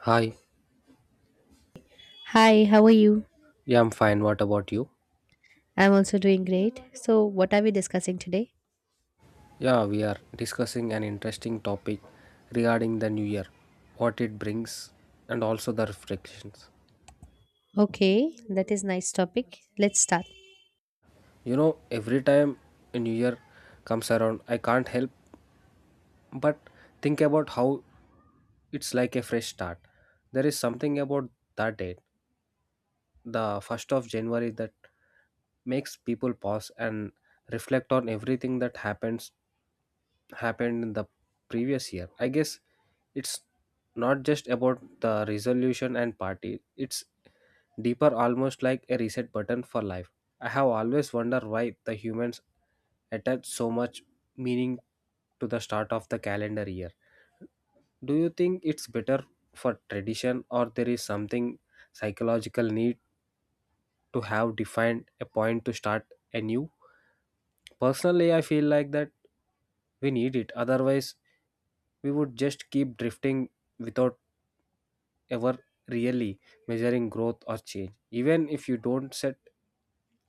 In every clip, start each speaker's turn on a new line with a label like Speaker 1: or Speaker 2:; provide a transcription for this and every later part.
Speaker 1: Hi,
Speaker 2: Hi, how are you?
Speaker 1: yeah, I'm fine. What about you?
Speaker 2: I'm also doing great. So, what are we discussing today?
Speaker 1: Yeah, we are discussing an interesting topic regarding the new year, what it brings, and also the reflections.
Speaker 2: Okay, that is nice topic. Let's start.
Speaker 1: You know, every time a new year comes around, I can't help but think about how it's like a fresh start. There is something about that date, the 1st of January, that makes people pause and reflect on everything that happens happened in the previous year. I guess it's not just about the resolution and party, it's deeper, almost like a reset button for life. I have always wondered why the humans attach so much meaning to the start of the calendar year. Do you think it's better for tradition or there is something psychological need to have defined a point to start anew. Personally, I feel like that we need it. Otherwise, we would just keep drifting without ever really measuring growth or change. Even if you don't set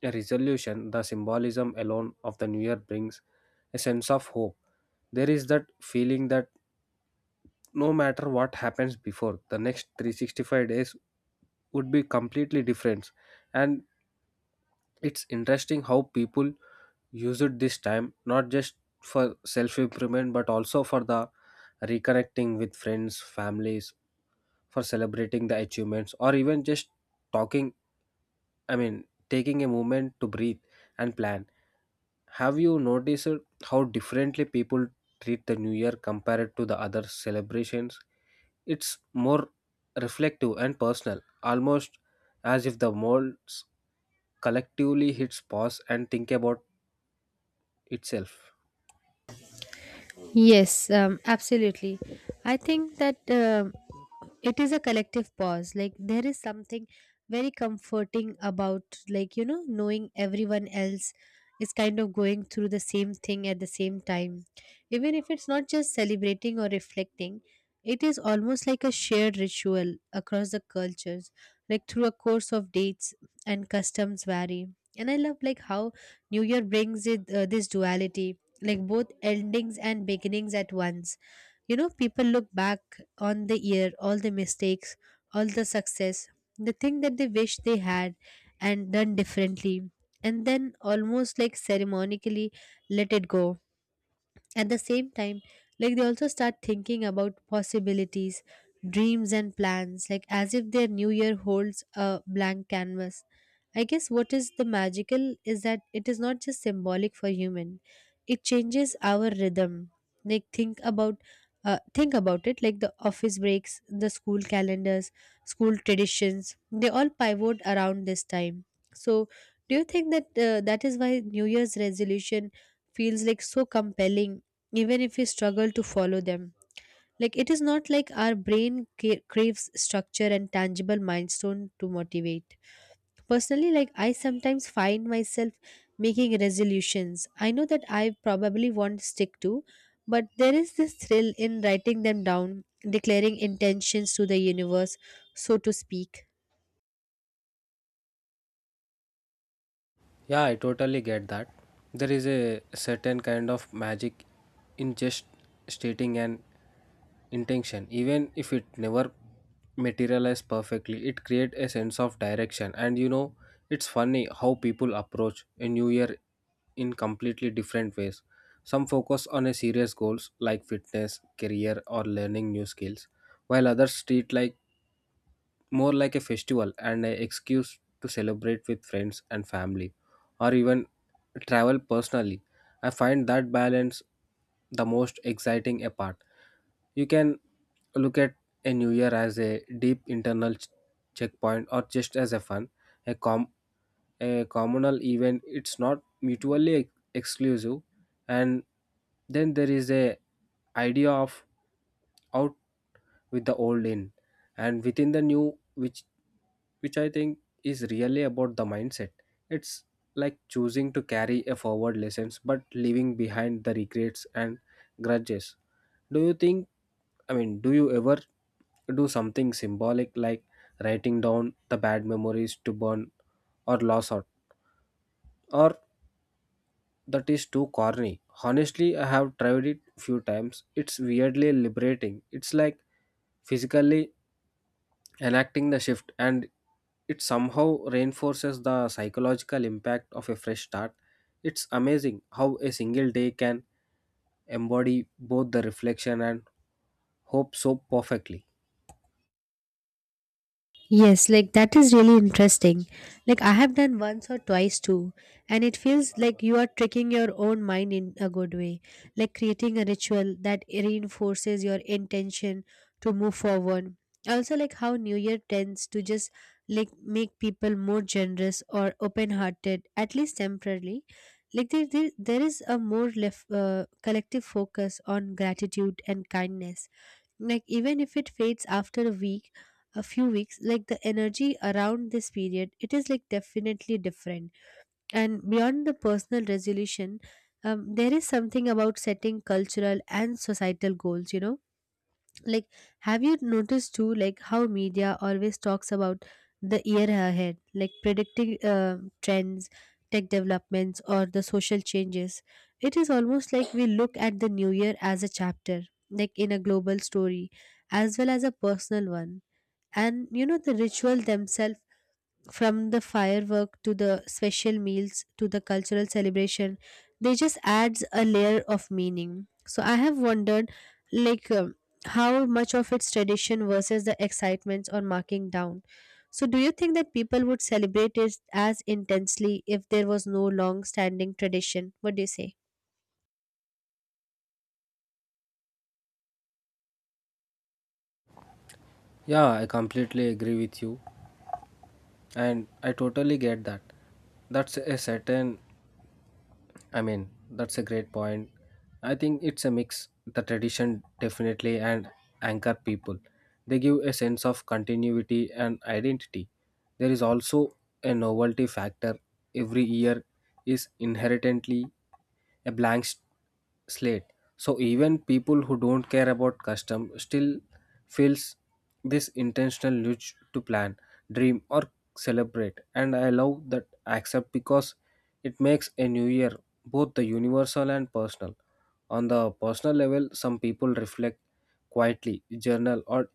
Speaker 1: a resolution, the symbolism alone of the new year brings a sense of hope. There is that feeling that no matter what happens before, the next 365 days would be completely different. And it's interesting how people use it this time not just for self improvement but also for the reconnecting with friends families for celebrating the achievements or even just talking I mean taking a moment to breathe and plan. Have you noticed how differently people treat the new year compared to the other celebrations? It's more reflective and personal, almost as if the molds collectively hits pause and think about itself.
Speaker 2: Yes, absolutely. I think that it is a collective pause. Like there is something very comforting about, like knowing everyone else is kind of going through the same thing at the same time. Even if it's not just celebrating or reflecting, it is almost like a shared ritual across the cultures, like through a course of dates and customs vary. And I love like how New Year brings it this duality, like both endings and beginnings at once. You know, people look back on the year, all the mistakes, all the success, the thing that they wish they had and done differently, and then almost like ceremonically let it go at the same time, like they also start thinking about possibilities, dreams, and plans, like as if their new year holds a blank canvas. I guess what is the magical is that it is not just symbolic for human, it changes our rhythm. Like think about it, like the office breaks, the school calendars, school traditions, they all pivot around this time. So do you think that is why new year's resolution feels like so compelling, even if we struggle to follow them? Like it is not like our brain craves structure and tangible milestone to motivate. Personally, like I sometimes find myself making resolutions I know that I probably won't stick to, but there is this thrill in writing them down, declaring intentions to the universe, so to speak.
Speaker 1: Yeah, I totally get that. There is a certain kind of magic in just stating an intention, even if it never materializes perfectly. It creates a sense of direction, and it's funny how people approach a new year in completely different ways. Some focus on a serious goals like fitness, career, or learning new skills, while others treat like more like a festival and an excuse to celebrate with friends and family or even travel personally. I find that balance the most exciting a part. You can look at a new year as a deep internal checkpoint or just as a fun, a, com- a communal event. It's not mutually exclusive. And then there is a idea of out with the old in and within the new which I think is really about the mindset. It's like choosing to carry a forward lessons but leaving behind the regrets and grudges. Do you think, I mean, do you ever do something symbolic like writing down the bad memories to burn or loss out? Or that is too corny? Honestly, I have tried it few times. It's weirdly liberating. It's like physically enacting the shift, and it somehow reinforces the psychological impact of a fresh start. It's amazing how a single day can embody both the reflection and hope so perfectly.
Speaker 2: Yes, like that is really interesting. Like I have done once or twice too, and it feels like you are tricking your own mind in a good way, like creating a ritual that reinforces your intention to move forward. Also, like how New Year tends to just like make people more generous or open-hearted, at least temporarily. Like there is a more collective focus on gratitude and kindness, like even if it fades after a week, a few weeks, like the energy around this period it is like definitely different. And beyond the personal resolution, there is something about setting cultural and societal goals, you know, like have you noticed too, like how media always talks about the year ahead, like predicting trends, tech developments or the social changes? It is almost like we look at the new year as a chapter, like in a global story as well as a personal one. And you know the ritual themselves, from the firework to the special meals to the cultural celebration, they just adds a layer of meaning. So I have wondered, like how much of its tradition versus the excitements or marking down. So do you think that people would celebrate it as intensely if there was no long standing tradition? What do you say?
Speaker 1: Yeah, I completely agree with you, and I totally get that. That's a certain I mean, that's a great point. I think it's a mix. The tradition definitely and anchor people. They give a sense of continuity and identity. There is also a novelty factor. Every year is inherently a blank slate. So even people who don't care about custom still feels this intentional urge to plan, dream or celebrate. And I love that accept because it makes a new year both the universal and personal. On the personal level, some people reflect quietly, journal, or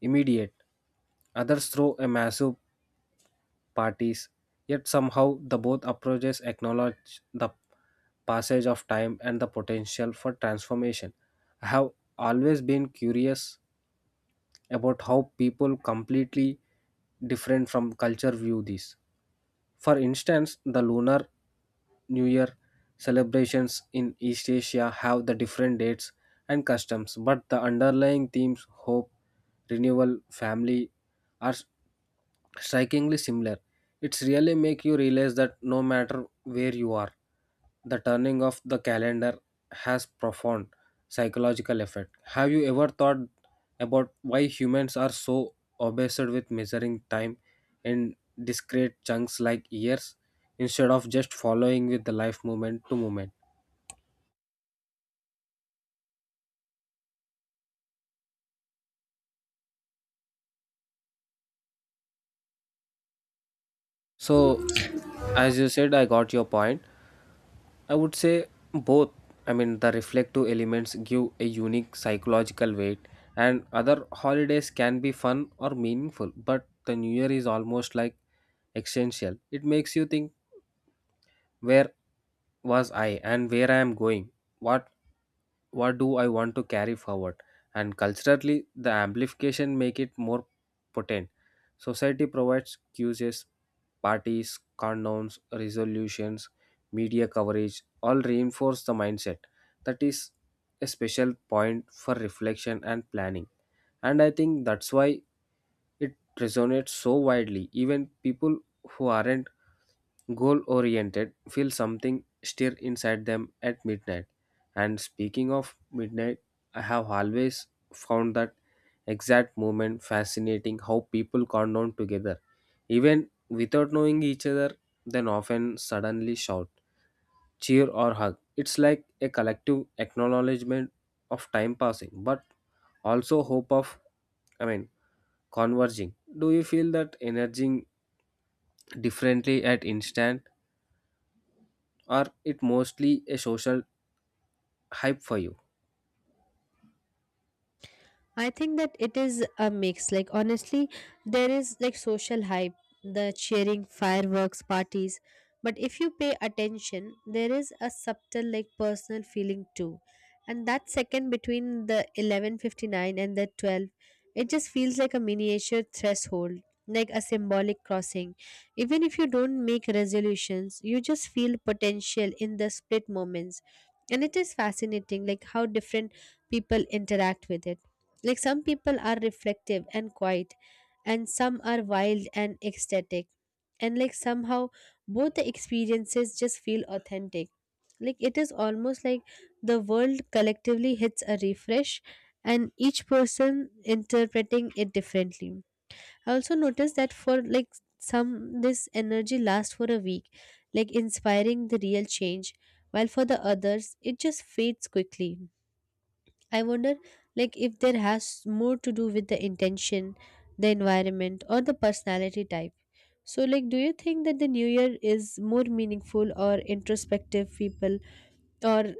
Speaker 1: immediate. Others throw a massive parties, yet somehow the both approaches acknowledge the passage of time and the potential for transformation. I have always been curious about how people completely different from culture view this. For instance, the Lunar New Year celebrations in East Asia have the different dates and customs, but the underlying themes hope, renewal, family are strikingly similar. It's really make you realize that no matter where you are, the turning of the calendar has profound psychological effect. Have you ever thought about why humans are so obsessed with measuring time in discrete chunks like years instead of just following with the life moment to moment? So, as you said, I got your point. I would say both. I mean, the reflective elements give a unique psychological weight, and other holidays can be fun or meaningful, but the New Year is almost like essential. It makes you think where was I and where I am going, what what do I want to carry forward. And culturally the amplification make it more potent. Society provides cues, parties, condoms, resolutions, media coverage all reinforce the mindset that is a special point for reflection and planning. And I think that's why it resonates so widely, even people who aren't goal oriented, feel something stir inside them at midnight. And speaking of midnight, I have always found that exact moment fascinating how people countdown together. Even without knowing each other, then often suddenly shout, cheer, or hug. It's like a collective acknowledgement of time passing, but also hope of, I mean, converging. Do you feel that energy differently at instant? Or it mostly a social hype for you?
Speaker 2: I think that it is a mix. Like, honestly, there is like social hype, the cheering, fireworks, parties. But if you pay attention, there is a subtle, like, personal feeling too. And that second between the 11:59 and the 12, it just feels like a miniature threshold, like a symbolic crossing. Even if you don't make resolutions, you just feel potential in the split moments. And it is fascinating, like how different people interact with it, like some people are reflective and quiet, and some are wild and ecstatic. And like somehow both the experiences just feel authentic. Like it is almost like the world collectively hits a refresh, and each person interpreting it differently. I also noticed that, for like some, this energy lasts for a week, like inspiring the real change, while for the others it just fades quickly. I wonder like if there has more to do with the intention, the environment or the personality type. So like do you think that the new year is more meaningful or introspective people, or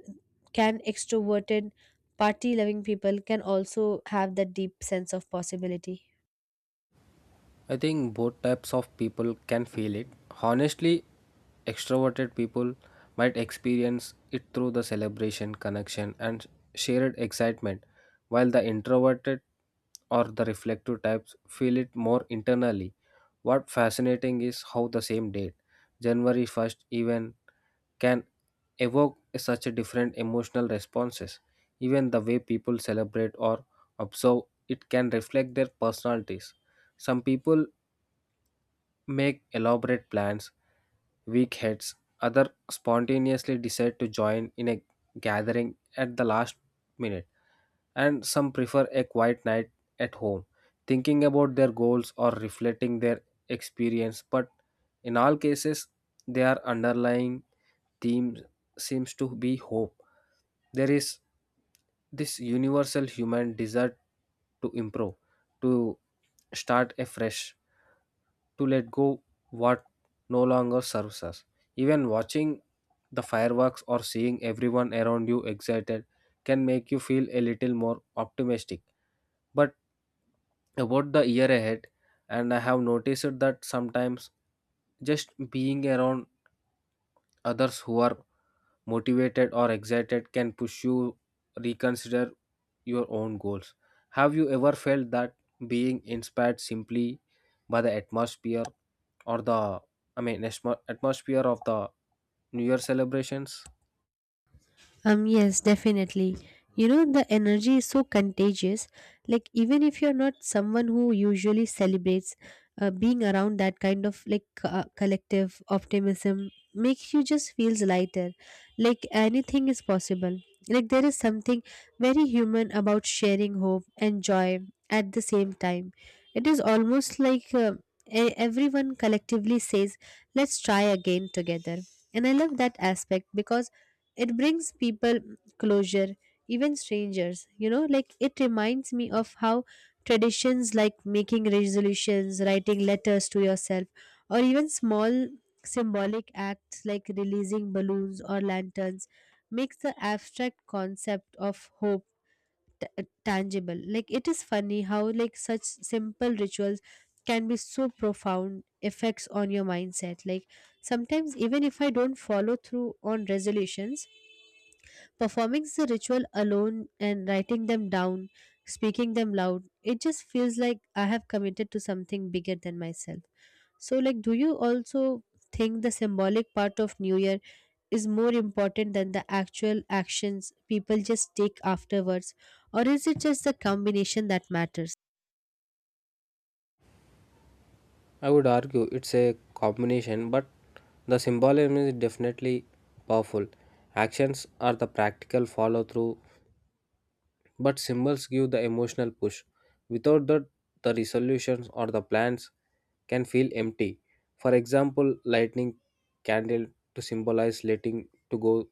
Speaker 2: can extroverted party loving people can also have that deep sense of possibility?
Speaker 1: I think both types of people can feel it. Honestly, extroverted people might experience it through the celebration, connection, and shared excitement, while the introverted or the reflective types feel it more internally. What fascinating is how the same date, January 1st, even can evoke such a different emotional responses. Even the way people celebrate or observe it can reflect their personalities. Some people make elaborate plans, weak heads, other spontaneously decide to join in a gathering at the last minute, and some prefer a quiet night at home, thinking about their goals or reflecting their experience. But in all cases, their underlying theme seems to be hope. There is this universal human desire to improve, to start afresh, to let go what no longer serves us. Even watching the fireworks or seeing everyone around you excited can make you feel a little more optimistic. But about the year ahead, and I have noticed that sometimes just being around others who are motivated or excited can push you reconsider your own goals. Have you ever felt that being inspired simply by the atmosphere or the atmosphere of the new year celebrations?
Speaker 2: Yes, definitely. You know, the energy is so contagious. Like, even if you're not someone who usually celebrates, being around that kind of like collective optimism makes you just feels lighter. Like, anything is possible. Like, there is something very human about sharing hope and joy at the same time. It is almost like everyone collectively says, let's try again together. And I love that aspect because it brings people closure, even strangers, you know? Like it reminds me of how traditions like making resolutions, writing letters to yourself, or even small symbolic acts like releasing balloons or lanterns makes the abstract concept of hope tangible. Like it is funny how like such simple rituals can be so profound effects on your mindset. Like sometimes, even if I don't follow through on resolutions, performing the ritual alone and writing them down, speaking them loud, it just feels like I have committed to something bigger than myself. So, like, do you also think the symbolic part of New Year is more important than the actual actions people just take afterwards? Or is it just the combination that matters?
Speaker 1: I would argue it's a combination but the symbolism is definitely powerful. Actions are the practical follow through, but symbols give the emotional push. Without that, the resolutions or the plans can feel empty. For example, lighting candle to symbolize letting to go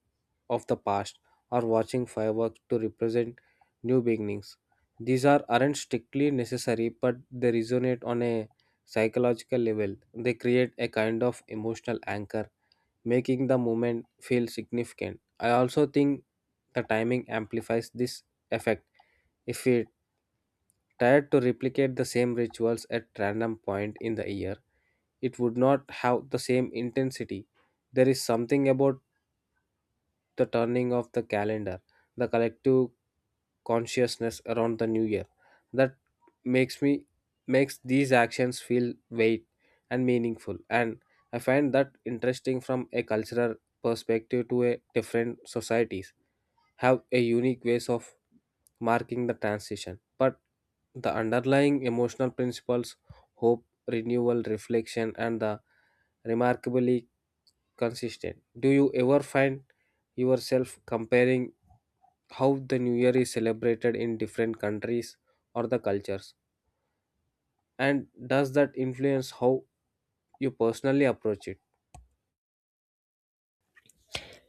Speaker 1: of the past or watching fireworks to represent new beginnings. These are aren't strictly necessary, but they resonate on a psychological level. They create a kind of emotional anchor making the moment feel significant. I also think the timing amplifies this effect. If we tried to replicate the same rituals at random point in the year, it would not have the same intensity. There is something about the turning of the calendar, the collective consciousness around the new year. That makes me makes these actions feel weight and meaningful. And I find that interesting from a cultural perspective to a different societies have a unique ways of marking the transition. But the underlying emotional principles, hope, renewal, reflection, and the remarkably consistent. Do you ever find yourself comparing how the new year is celebrated in different countries or the cultures, and does that influence how you personally approach it?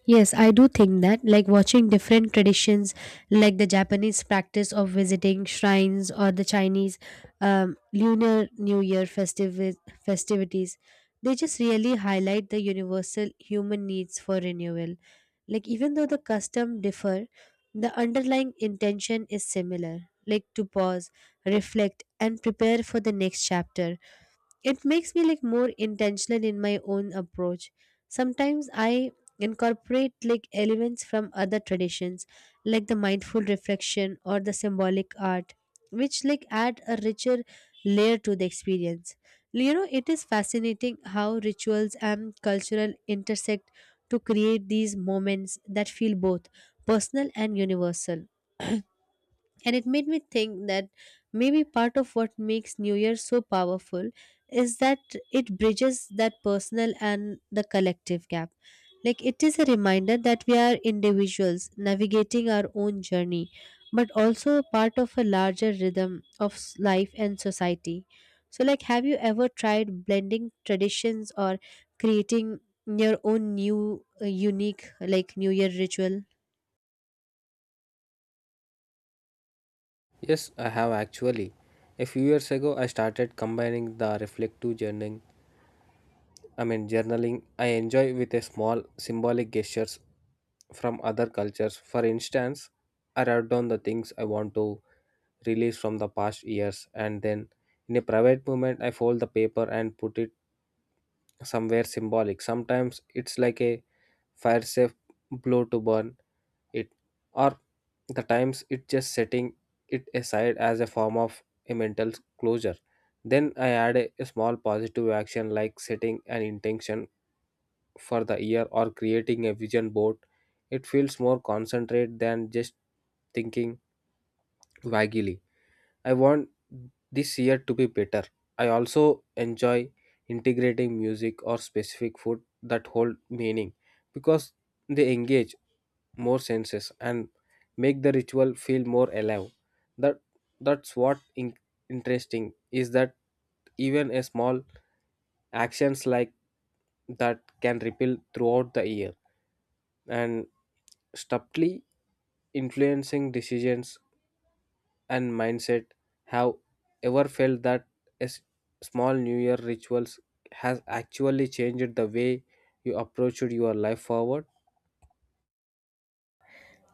Speaker 2: Yes, I do think that, like watching different traditions, like the Japanese practice of visiting shrines or the Chinese Lunar New Year festivities, they just really highlight the universal human needs for renewal. Like, even though the custom differ, the underlying intention is similar, like to pause, reflect, and prepare for the next chapter. It makes me like more intentional in my own approach. Sometimes I incorporate like elements from other traditions, like the mindful reflection or the symbolic art, which like add a richer layer to the experience. You know it is fascinating how rituals and cultural intersect to create these moments that feel both personal and universal. And it made me think that maybe part of what makes New Year so powerful is that it bridges that personal and the collective gap. Like it is a reminder that we are individuals navigating our own journey, but also a part of a larger rhythm of life and society. So, like, have you ever tried blending traditions or creating your own new, unique, like, New Year ritual?
Speaker 1: Yes, I have actually. A few years ago I started combining the reflective journaling I enjoy with a small symbolic gestures from other cultures. For instance, I write down the things I want to release from the past years and then in a private moment I fold the paper and put it somewhere symbolic. Sometimes it's like a fire safe blow to burn it, or the times it's just setting it aside as a form of a mental closure. Then I add a small positive action like setting an intention for the year or creating a vision board. It feels more concentrated than just thinking vaguely. I want this year to be better. I also enjoy integrating music or specific food that hold meaning because they engage more senses and make the ritual feel more alive. That that's what interesting is that even a small actions like that can ripple throughout the year and subtly influencing decisions and mindset. Have ever felt that a small new year rituals has actually changed the way you approached your life forward?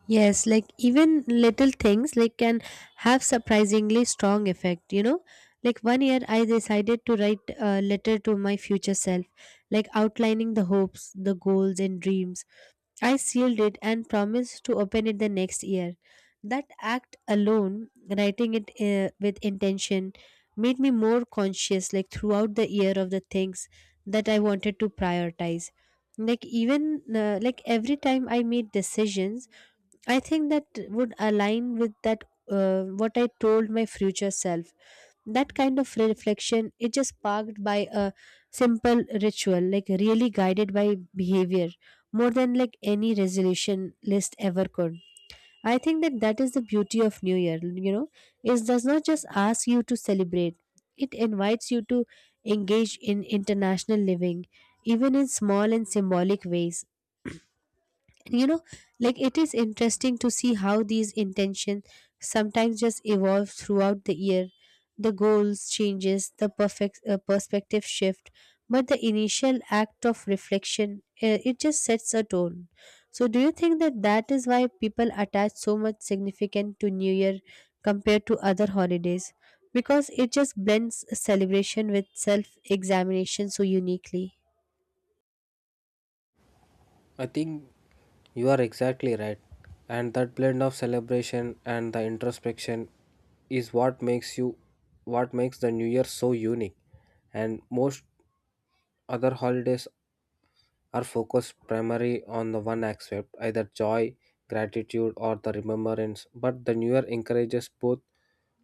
Speaker 2: Yes, like even little things like can have surprisingly strong effect, you know? Like one year I decided to write a letter to my future self, like outlining the hopes, the goals and dreams. I sealed it and promised to open it the next year. That act alone, writing it with intention, made me more conscious like throughout the year of the things that I wanted to prioritize. Like even like every time I made decisions I think that would align with that, what I told my future self. That kind of reflection, it is sparked by a simple ritual, like really guided by behavior, more than like any resolution list ever could. I think that that is the beauty of New Year. You know, it does not just ask you to celebrate; it invites you to engage in international living, even in small and symbolic ways. And you know, like it is interesting to see how these intentions sometimes just evolve throughout the year, the goals changes, the perfect perspective shift, but the initial act of reflection, it just sets a tone. So do you think that that is why people attach so much significance to new year compared to other holidays, because it just blends celebration with self examination so uniquely?
Speaker 1: I think you are exactly right. And that blend of celebration and the introspection is what makes the new year so unique. And most other holidays are focused primarily on the one aspect, either joy, gratitude, or the remembrance, but the newer encourages both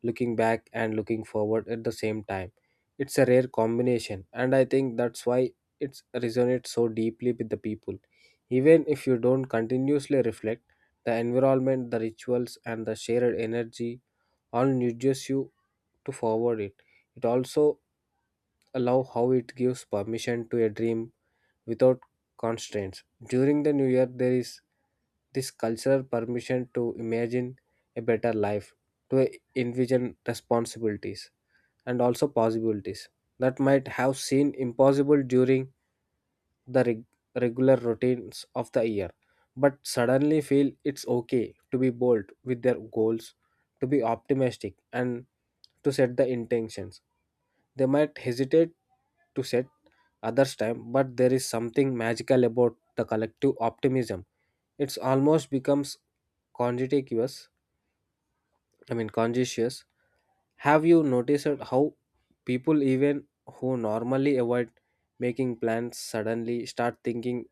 Speaker 1: looking back and looking forward at the same time. It's a rare combination, and I think that's why it resonates so deeply with the people. Even if you don't continuously reflect, the environment, the rituals, and the shared energy all nudges you to forward it. It also allow how it gives permission to a dream without constraints. During the new year, there is this cultural permission to imagine a better life, to envision responsibilities and also possibilities that might have seemed impossible during the reg- regular routines of the year, but suddenly feel it's okay to be bold with their goals, to be optimistic, and to set the intentions. They might hesitate to set others' time, but there is something magical about the collective optimism. It's almost becomes contagious. I mean, conscious. Have you noticed how people, even who normally avoid making plans, suddenly start thinking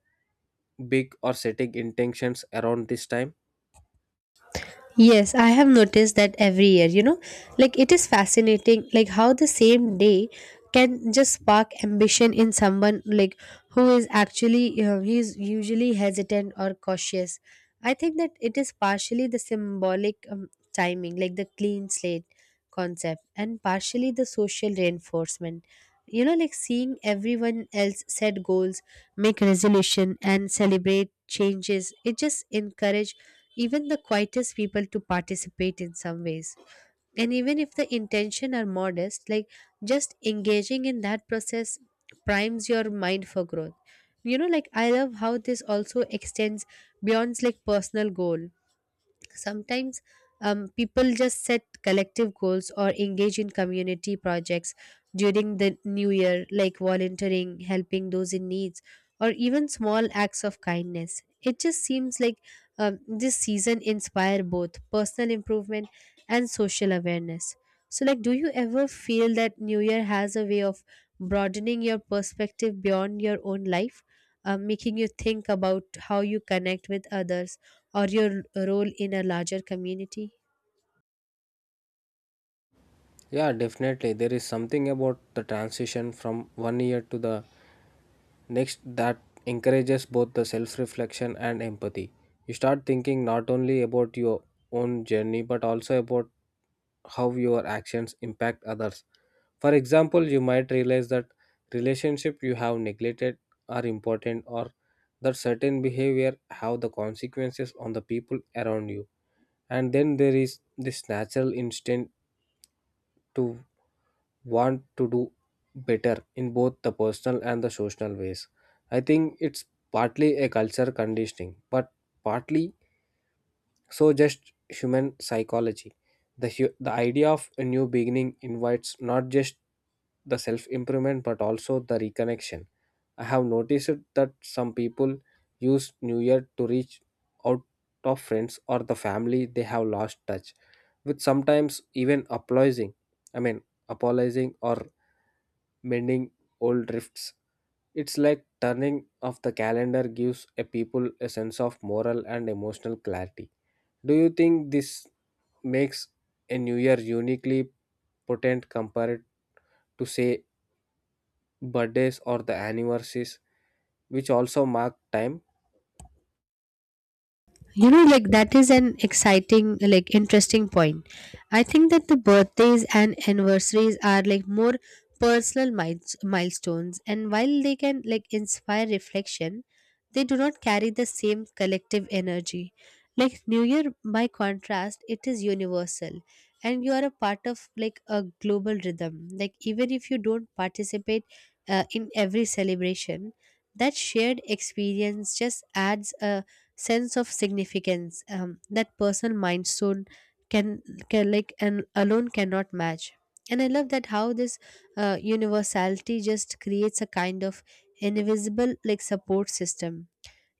Speaker 1: big or setting intentions around this time?
Speaker 2: Yes, I have noticed that every year, you know, like it is fascinating, like how the same day can just spark ambition in someone like who is actually, you know, he is usually hesitant or cautious. I think that it is partially the symbolic, timing, like the clean slate concept, and partially the social reinforcement. You know, like seeing everyone else set goals, make resolution, and celebrate changes, it just encourage even the quietest people to participate in some ways. And even if the intention are modest, like just engaging in that process primes your mind for growth. You know, like I love how this also extends beyond like personal goal. Sometimes people just set collective goals or engage in community projects during the new year, like volunteering, helping those in needs, or even small acts of kindness. It just seems like this season inspire both personal improvement and social awareness. So like do you ever feel that new year has a way of broadening your perspective beyond your own life, making you think about how you connect with others, or your role in a larger community?
Speaker 1: Yeah, definitely. There is something about the transition from one year to the next that encourages both the self reflection and empathy. You start thinking not only about your own journey but also about how your actions impact others. For example, you might realize that relationship you have neglected are important or that certain behavior have the consequences on the people around you. And then there is this natural instinct to want to do better in both the personal and the social ways. I think it's partly a culture conditioning but partly so just human psychology. The the idea of a new beginning invites not just the self improvement but also the reconnection. I have noticed that some people use New Year to reach out of friends or the family they have lost touch with, sometimes even apologizing. I mean, apologizing or mending old rifts. It's like turning off the calendar gives a people a sense of moral and emotional clarity. Do you think this makes a New Year uniquely potent compared to, say, birthdays or the anniversaries, which also mark time?
Speaker 2: You know, like that is an exciting like interesting point. I think that the birthdays and anniversaries are like more personal milestones, and while they can like inspire reflection, they do not carry the same collective energy. Like new year by contrast it is universal, and you are a part of like a global rhythm, like even if you don't participate in every celebration, that shared experience just adds a sense of significance, that personal milestone can, can like and alone cannot match. And I love that how this universality just creates a kind of invisible like support system,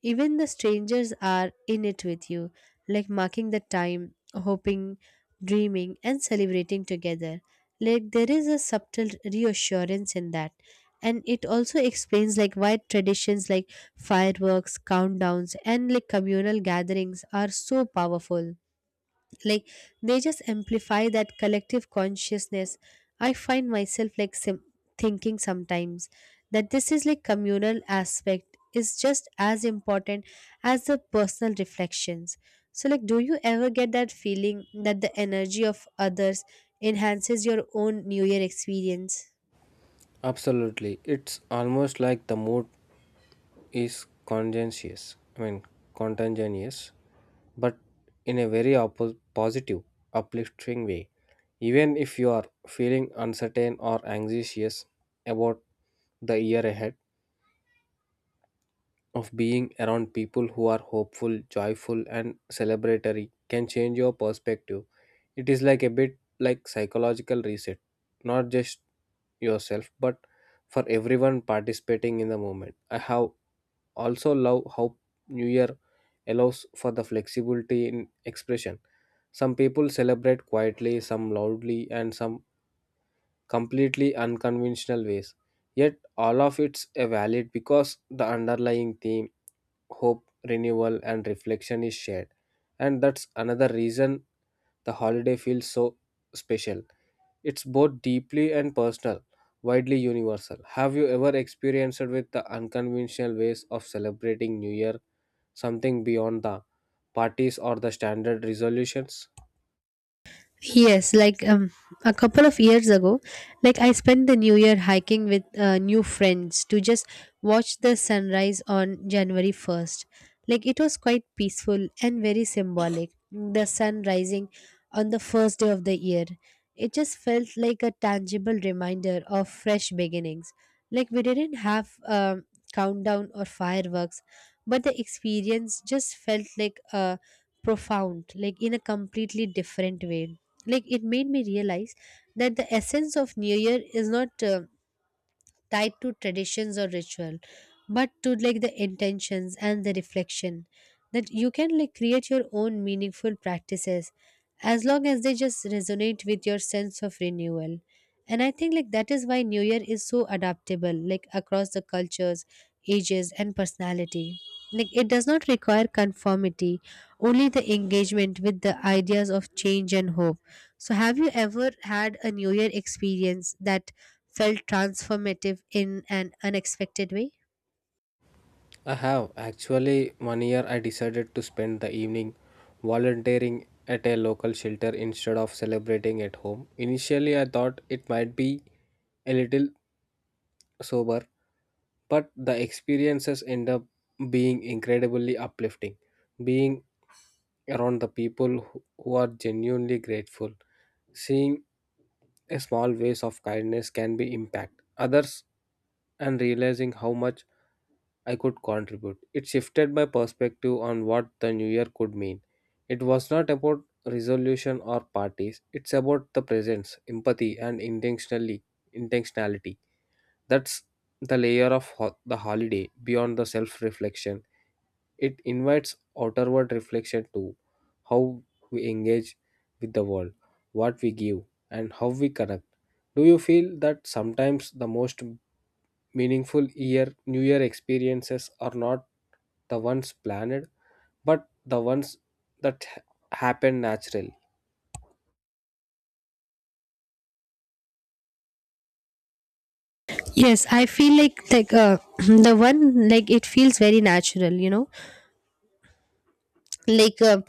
Speaker 2: even the strangers are in it with you, like marking the time, hoping, dreaming, and celebrating together. Like there is a subtle reassurance in that. And it also explains like why traditions like fireworks, countdowns, and like communal gatherings are so powerful, like they just amplify that collective consciousness. I find myself like thinking sometimes that this is like communal aspect is just as important as the personal reflections. So like do you ever get that feeling that the energy of others enhances your own new year experience?
Speaker 1: Absolutely. It's almost like the mood is conscientious, I mean, contagious, but in a very positive, uplifting way. Even if you are feeling uncertain or anxious about the year ahead, of being around people who are hopeful, joyful, and celebratory can change your perspective. It is like a bit like psychological reset, not just yourself, but for everyone participating in the moment. I have also love how New Year allows for the flexibility in expression. Some people celebrate quietly, some loudly, and some completely unconventional ways. Yet all of it's a valid because the underlying theme hope, renewal, and reflection is shared. And that's another reason the holiday feels so special. It's both deeply and personal, widely universal. Have you ever experienced with the unconventional ways of celebrating New Year, something beyond the parties or the standard resolutions?
Speaker 2: Yes, like a couple of years ago, like I spent the new year hiking with new friends to just watch the sunrise on January 1st. Like it was quite peaceful and very symbolic, the sun rising on the first day of the year. It just felt like a tangible reminder of fresh beginnings. Like we didn't have countdown or fireworks, but the experience just felt like a profound, like in a completely different way. Like it made me realize that the essence of new year is not tied to traditions or ritual, but to like the intentions and the reflection, that you can like create your own meaningful practices as long as they just resonate with your sense of renewal. And I think like that is why new year is so adaptable, like across the cultures, ages and personality. Like it does not require conformity, only the engagement with the ideas of change and hope. So have you ever had a new year experience that felt transformative in an unexpected way?
Speaker 1: I have actually one year I decided to spend the evening volunteering at a local shelter instead of celebrating at home. Initially, I thought it might be a little sober, but the experiences end up being incredibly uplifting. Being around the people who are genuinely grateful, seeing a small ways of kindness can be impact others and realizing how much I could contribute. It shifted my perspective on what the new year could mean. It was not about resolution or parties. It's about the presence, empathy, and intentionally intentionality. That's the layer of the holiday beyond the self-reflection. It invites outward reflection to how we engage with the world, what we give, and how we connect. Do you feel that sometimes the most meaningful year new year experiences are not the ones planned but the ones that happen naturally?
Speaker 2: Yes, I feel like the one, like it feels very natural, you know. Like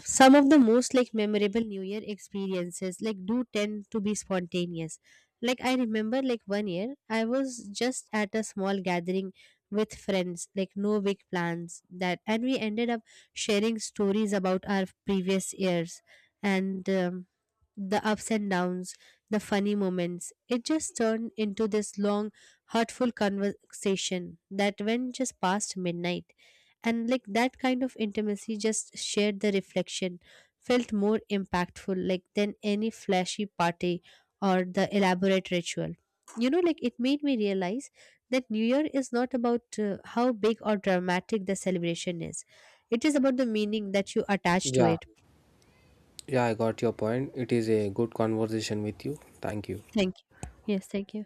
Speaker 2: some of the most like memorable new year experiences like do tend to be spontaneous. Like I remember, like one year I was just at a small gathering with friends, like no big plans that, and we ended up sharing stories about our previous years, and the ups and downs, the funny moments. It just turned into this long heartful conversation that went just past midnight. And like that kind of intimacy, just shared the reflection, felt more impactful like than any flashy party or the elaborate ritual. You know, like it made me realize that new year is not about how big or dramatic the celebration is, it is about the meaning that you attach to
Speaker 1: Yeah.
Speaker 2: it.
Speaker 1: Yeah, I got your point. It is a good conversation with you. Thank you.
Speaker 2: Thank you. Yes, thank you.